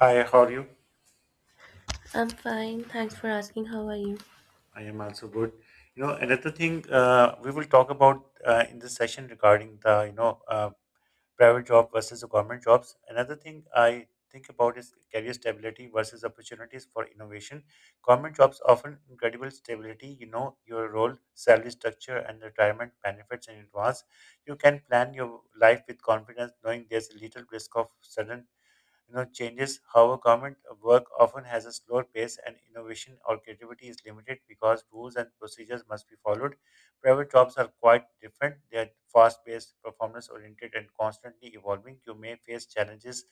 Hi, how are you? I'm fine. Thanks for asking. How are you? I am also good. Another thing we will talk about in this session regarding the private job versus the government jobs. Another thing I think about is career stability versus opportunities for innovation. Government jobs often incredible stability, you know, your role, salary structure, and retirement benefits in advance. You can plan your life with confidence, knowing there's little risk of sudden changes. However, government work often has a slower pace and innovation or creativity is limited because rules and procedures must be followed. Private jobs are quite different. They are fast paced, performance oriented, and constantly evolving. You may face challenges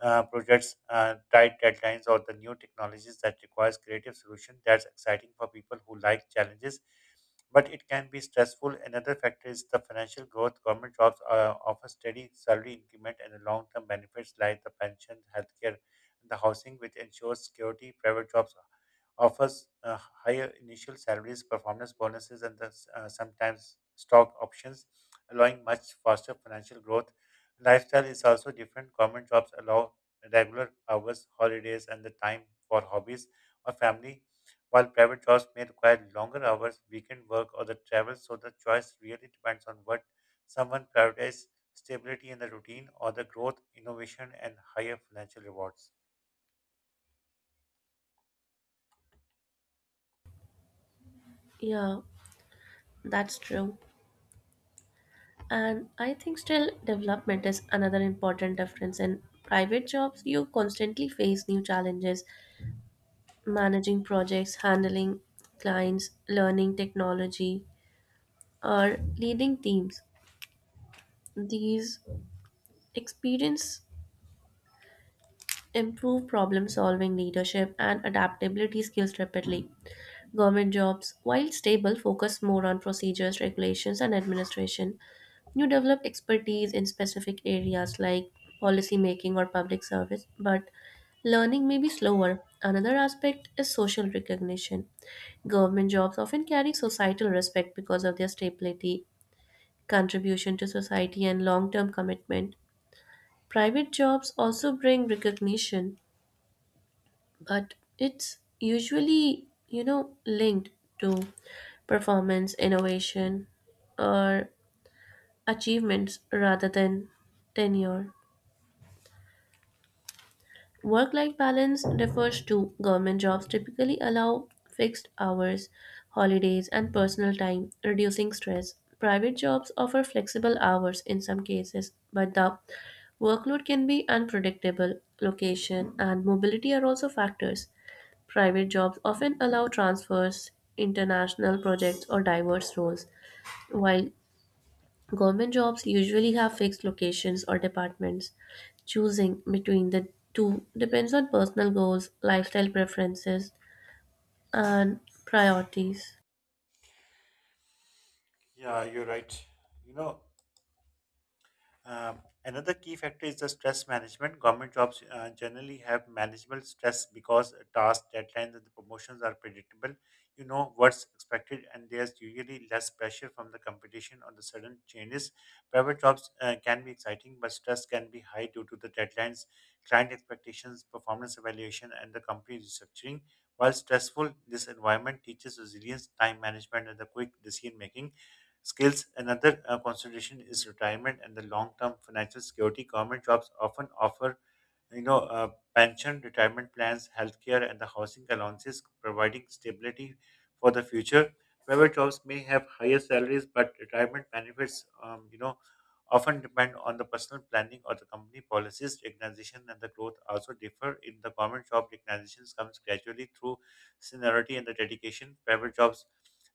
projects, tight deadlines, or the new technologies that requires creative solution. That's exciting for people who like challenges, but it can be stressful. Another factor is the financial growth. Government jobs offer steady salary increment and the long-term benefits like the pension, healthcare, and the housing, which ensures security. Private jobs offers higher initial salaries, performance bonuses, and sometimes stock options, allowing much faster financial growth. Lifestyle is also different. Government jobs allow regular hours, holidays, and the time for hobbies or family, while private jobs may require longer hours, weekend work, or the travel. So the choice really depends on what someone prioritizes stability in the routine or the growth, innovation, and higher financial rewards. Yeah, that's true. And I think skill development is another important difference. In private jobs, you constantly face new challenges, managing projects, handling clients, learning technology, or leading teams. These experience improve problem solving, leadership, and adaptability skills rapidly. Government jobs, while stable, focus more on procedures, regulations, and administration. You develop expertise in specific areas like policy making or public service, but learning may be slower. Another aspect is social recognition. Government jobs often carry societal respect because of their stability, contribution to society, and long term commitment. Private jobs also bring recognition, but it's usually linked to performance, innovation, or achievements rather than tenure. Work life balance refers to government jobs typically allow fixed hours, holidays, and personal time, reducing stress. Private jobs offer flexible hours in some cases, but the workload can be unpredictable. Location and mobility are also factors. Private jobs often allow transfers, international projects, or diverse roles, while government jobs usually have fixed locations or departments. Choosing between the two depends on personal goals, lifestyle preferences, and priorities. Yeah, you're right. You know, Um, Another key factor is the stress management. Government jobs generally have manageable stress because tasks, deadlines, and the promotions are predictable. You know what's expected, and there's usually less pressure from the competition or the sudden changes. Private jobs can be exciting, but stress can be high due to the deadlines, client expectations, performance evaluation, and the company restructuring. While stressful, this environment teaches resilience, time management, and the quick decision making skills. Another consideration is retirement and the long term financial security. Government jobs often offer you know, uh, pension, retirement plans, healthcare, and the housing allowances, providing stability for the future. Private jobs may have higher salaries, but retirement benefits often depend on the personal planning or the company policies. Recognition and the growth also differ. In the government job, recognitions comes gradually through seniority and the dedication. Private jobs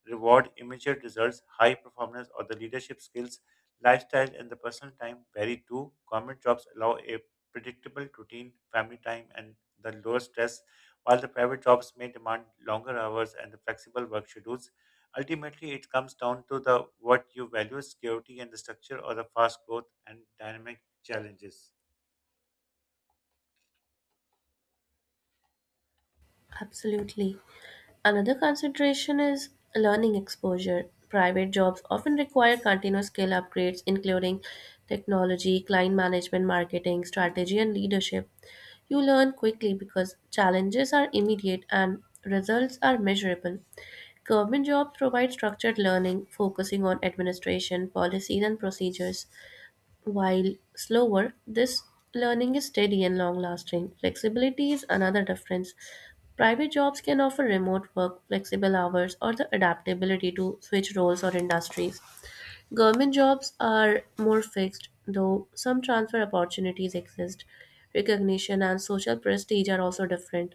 reward immediate results, high performance, or the leadership skills. Lifestyle and the personal time vary too. Government jobs allow a predictable routine, family time, and the lower stress, while the private jobs may demand longer hours and the flexible work schedules. Ultimately, it comes down to the what you value, security and the structure, or the fast growth and dynamic challenges. Absolutely. Another consideration is learning exposure. Private jobs often require continuous skill upgrades, including technology, client management, marketing, strategy, and leadership. You learn quickly because challenges are immediate and results are measurable. Government jobs provide structured learning, focusing on administration, policies, and procedures. While slower, this learning is steady and long lasting. Flexibility is another difference. Private jobs can offer remote work, flexible hours, or the adaptability to switch roles or industries. Government jobs are more fixed, though some transfer opportunities exist. Recognition and social prestige are also different.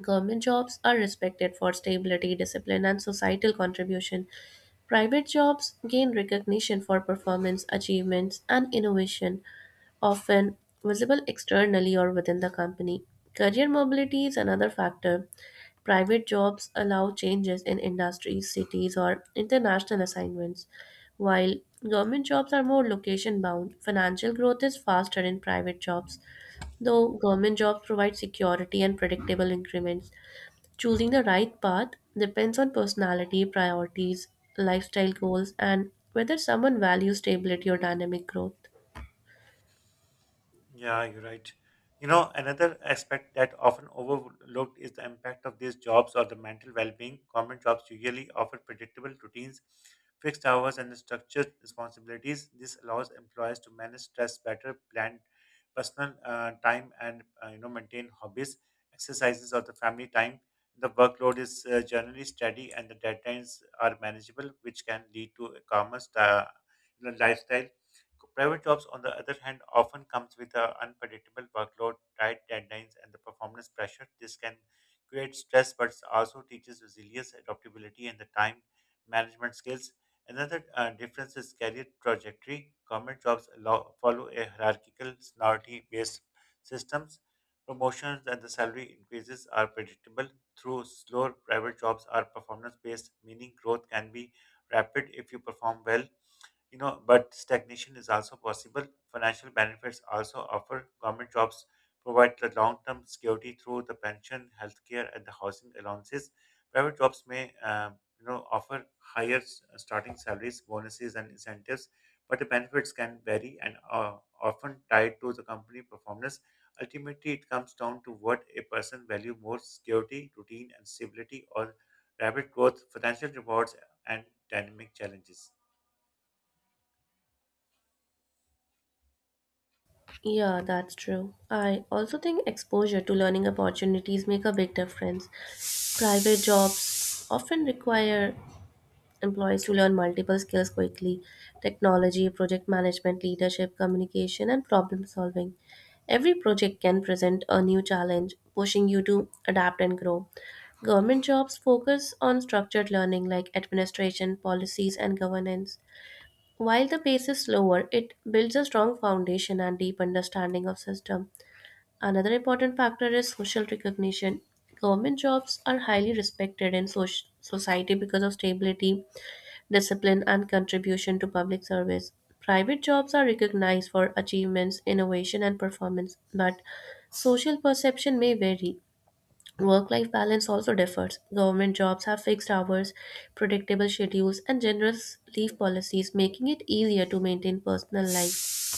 Government jobs are respected for stability, discipline, and societal contribution. Private jobs gain recognition for performance, achievements, and innovation, often visible externally or within the company. Career mobility is another factor. Private jobs allow changes in industries, cities, or international assignments. While government jobs are more location bound, financial growth is faster in private jobs, though government jobs provide security and predictable increments. Choosing the right path depends on personality, priorities, lifestyle goals, and whether someone values stability or dynamic growth. Yeah, you're right. You know, another aspect that often overlooked is the impact of these jobs or the mental well-being. Government jobs usually offer predictable routines, fixed hours, and structured responsibilities. This allows employers to manage stress better, plan personal time, and maintain hobbies, exercises, or the family time. The workload is generally steady, and the deadlines are manageable, which can lead to a lifestyle. Private jobs, on the other hand, often comes with an unpredictable workload, tight deadlines, and the performance pressure. This can create stress, but also teaches resilience, adaptability, and the time management skills. Another difference is career trajectory. Government jobs allow, follow a hierarchical, seniority-based systems. Promotions and the salary increases are predictable. Through slower private jobs are performance-based, meaning growth can be rapid if you perform well, but stagnation is also possible. Financial benefits also offer government jobs provide the long-term security through the pension, healthcare, and the housing allowances. Private jobs may offer higher starting salaries, bonuses, and incentives, but the benefits can vary and are often tied to the company performance. Ultimately, it comes down to what a person value more: security, routine, and stability, or rapid growth, financial rewards, and dynamic challenges. Yeah, that's true. I also think exposure to learning opportunities make a big difference. Private jobs often require employees to learn multiple skills quickly: technology, project management, leadership, communication, and problem solving. Every project can present a new challenge, pushing you to adapt and grow. Government jobs focus on structured learning like administration, policies, and governance. While the pace is slower, it builds a strong foundation and deep understanding of system. Another important factor is social recognition. Government jobs are highly respected in society because of stability, discipline, and contribution to public service. Private jobs are recognized for achievements, innovation, and performance, but social perception may vary. Work life balance also differs. Government jobs have fixed hours, predictable schedules, and generous leave policies, making it easier to maintain personal life.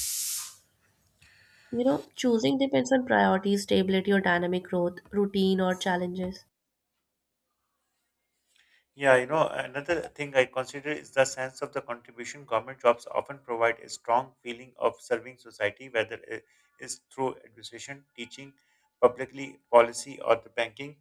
Choosing depends on priorities, stability, or dynamic growth, routine, or challenges. Yeah, you know, another thing I consider is the sense of the contribution. Government jobs often provide a strong feeling of serving society, whether it is through education, teaching, publicly policy, or the banking.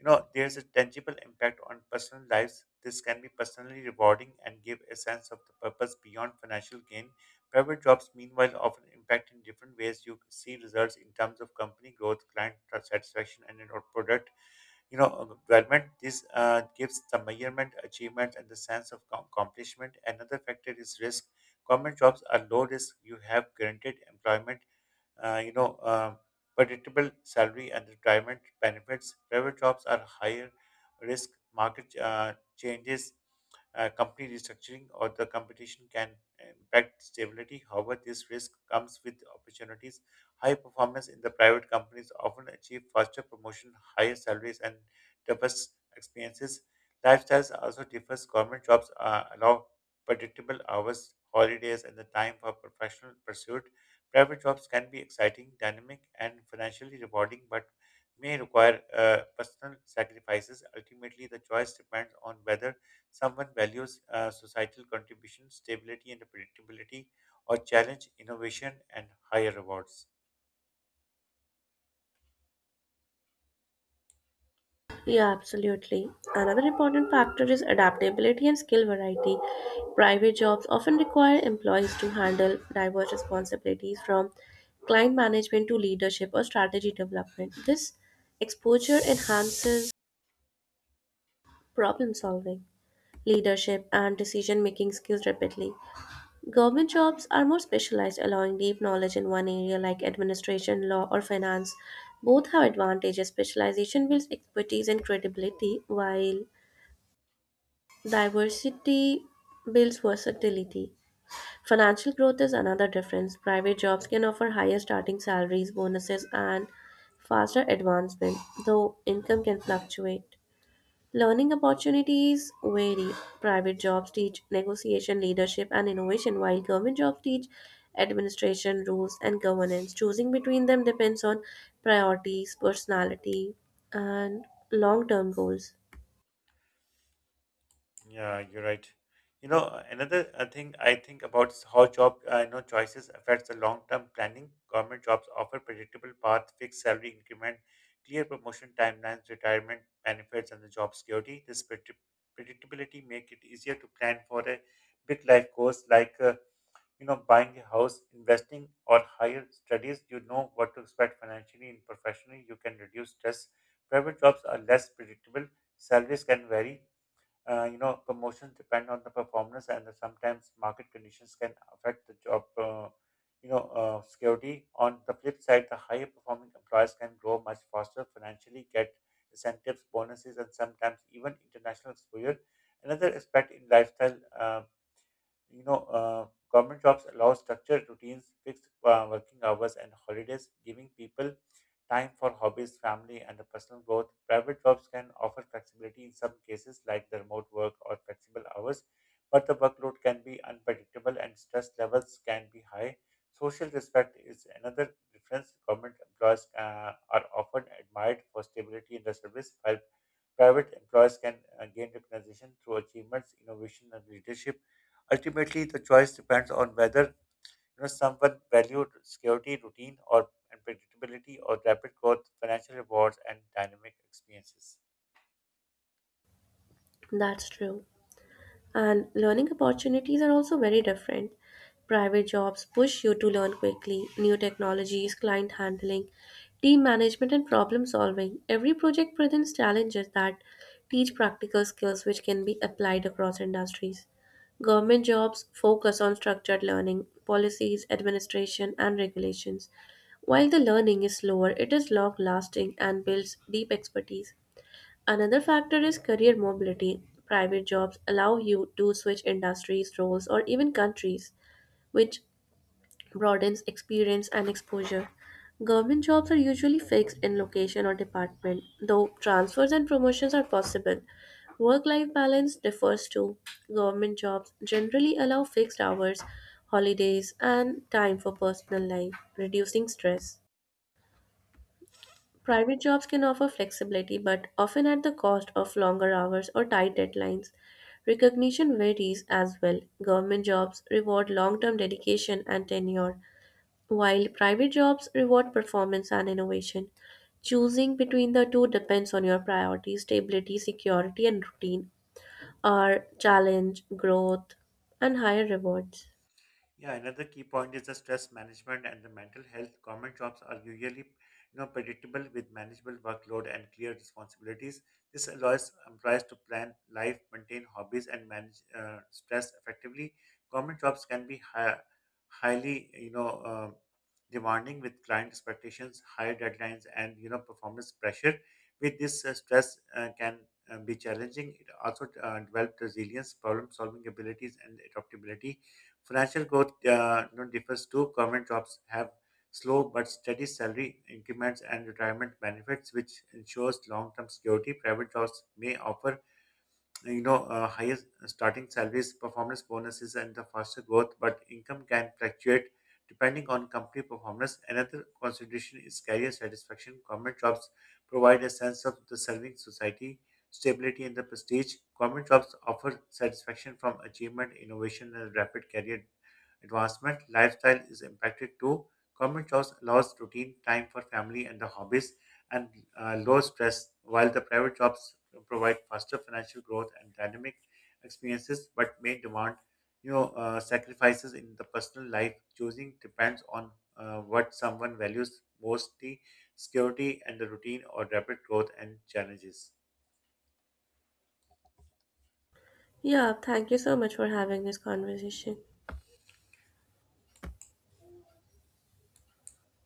You know, there's a tangible impact on personal lives. This can be personally rewarding and give a sense of the purpose beyond financial gain. Private jobs, meanwhile, often impact in different ways. You see results in terms of company growth, client satisfaction, and in our product development. This gives the measurement achievement and the sense of accomplishment. Another factor is risk. Government jobs are low risk. You have guaranteed employment, uh, you know, uh, predictable salary and retirement benefits. Private jobs are higher risk. Market changes, company restructuring, or the competition can impact stability. However, this risk comes with opportunities. High performance in the private companies often achieve faster promotion, higher salaries, and diverse experiences. Lifestyles also differs. Government jobs allow predictable hours, holidays, and the time for professional pursuit. Private jobs can be exciting, dynamic, and financially rewarding, but may require personal sacrifices. Ultimately, the choice depends on whether someone values societal contribution, stability, and predictability, or challenge innovation and higher rewards. Yeah, absolutely. Another important factor is adaptability and skill variety. Private jobs often require employees to handle diverse responsibilities from client management to leadership or strategy development. This exposure enhances problem solving, leadership, and decision making skills rapidly. Government jobs are more specialized, allowing deep knowledge in one area like administration, law, or finance. Both have advantages. Specialization builds expertise and credibility, while diversity builds versatility. Financial growth is another difference. Private jobs can offer higher starting salaries, bonuses, and faster advancement, though income can fluctuate. Learning opportunities vary. Private jobs teach negotiation, leadership, and innovation, while government jobs teach administration, rules, and governance. Choosing between them depends on priorities, personality, and long term goals. Yeah, you're right. Another thing I think about is how job choices affects the long-term planning. Government jobs offer predictable path, fixed salary increment, clear promotion timelines, retirement benefits, and the job security. This predictability make it easier to plan for a big life goals like buying a house, investing, or higher studies. You know what to expect financially and professionally. You can reduce stress. Private jobs are less predictable. Salaries can vary. Promotions depend on the performance and sometimes market conditions can affect the job security. On the flip side, the higher performing employers can grow much faster financially, get incentives, bonuses, and sometimes even international exposure. Another aspect in lifestyle, you know, uh, government jobs allow structured routines, fixed working hours, and holidays, giving people time for hobbies, family, and personal growth. Private jobs can offer flexibility in some cases, like the remote work or flexible hours, but the workload can be unpredictable and stress levels can be high. Social respect is another difference. Government employees are often admired for stability in the service, while private employers can gain recognition through achievements, innovation, and leadership. Ultimately, the choice depends on whether someone valued security, routine, or and predictability, or rapid growth, financial rewards, and dynamic experiences. That's true, and learning opportunities are also very different. Private jobs push you to learn quickly, new technologies, client handling, team management, and problem solving. Every project presents challenges that teach practical skills which can be applied across industries. Government jobs focus on structured learning, policies, administration, and regulations. While the learning is slower, it is long lasting and builds deep expertise. Another factor is career mobility. Private jobs allow you to switch industries, roles, or even countries, which broadens experience and exposure. Government jobs are usually fixed in location or department, though transfers and promotions are possible. Work life balance differs too. Government jobs generally allow fixed hours, holidays, and time for personal life, reducing stress. Private jobs can offer flexibility, but often at the cost of longer hours or tight deadlines. Recognition varies as well. Government jobs reward long term dedication and tenure, while private jobs reward performance and innovation. Choosing between the two depends on your priorities, stability, security, and routine, or challenge, growth, and higher rewards. Yeah, another key point is the stress management and the mental health. Government jobs are usually, you know, predictable with manageable workload and clear responsibilities. This allows employees to plan life, maintain hobbies, and manage stress effectively. Government jobs can be highly, demanding with client expectations, high deadlines, and you know, performance pressure. With this, stress can be challenging. It also develops resilience, problem-solving abilities, and adaptability. Financial growth, you know, differs too. Government jobs have slow but steady salary increments and retirement benefits, which ensures long-term security. Private jobs may offer higher starting salaries, performance bonuses, and the faster growth, but income can fluctuate depending on company performance. Another consideration is career satisfaction. Government jobs provide a sense of the serving society, stability and the prestige. Government jobs offer satisfaction from achievement, innovation, and rapid career advancement. Lifestyle is impacted too. Common jobs allows routine time for family and the hobbies and low stress, while the private jobs provide faster financial growth and dynamic experiences, but may demand sacrifices in the personal life. Choosing depends on what someone values mostly security and the routine or rapid growth and challenges. Yeah, thank you so much for having this conversation.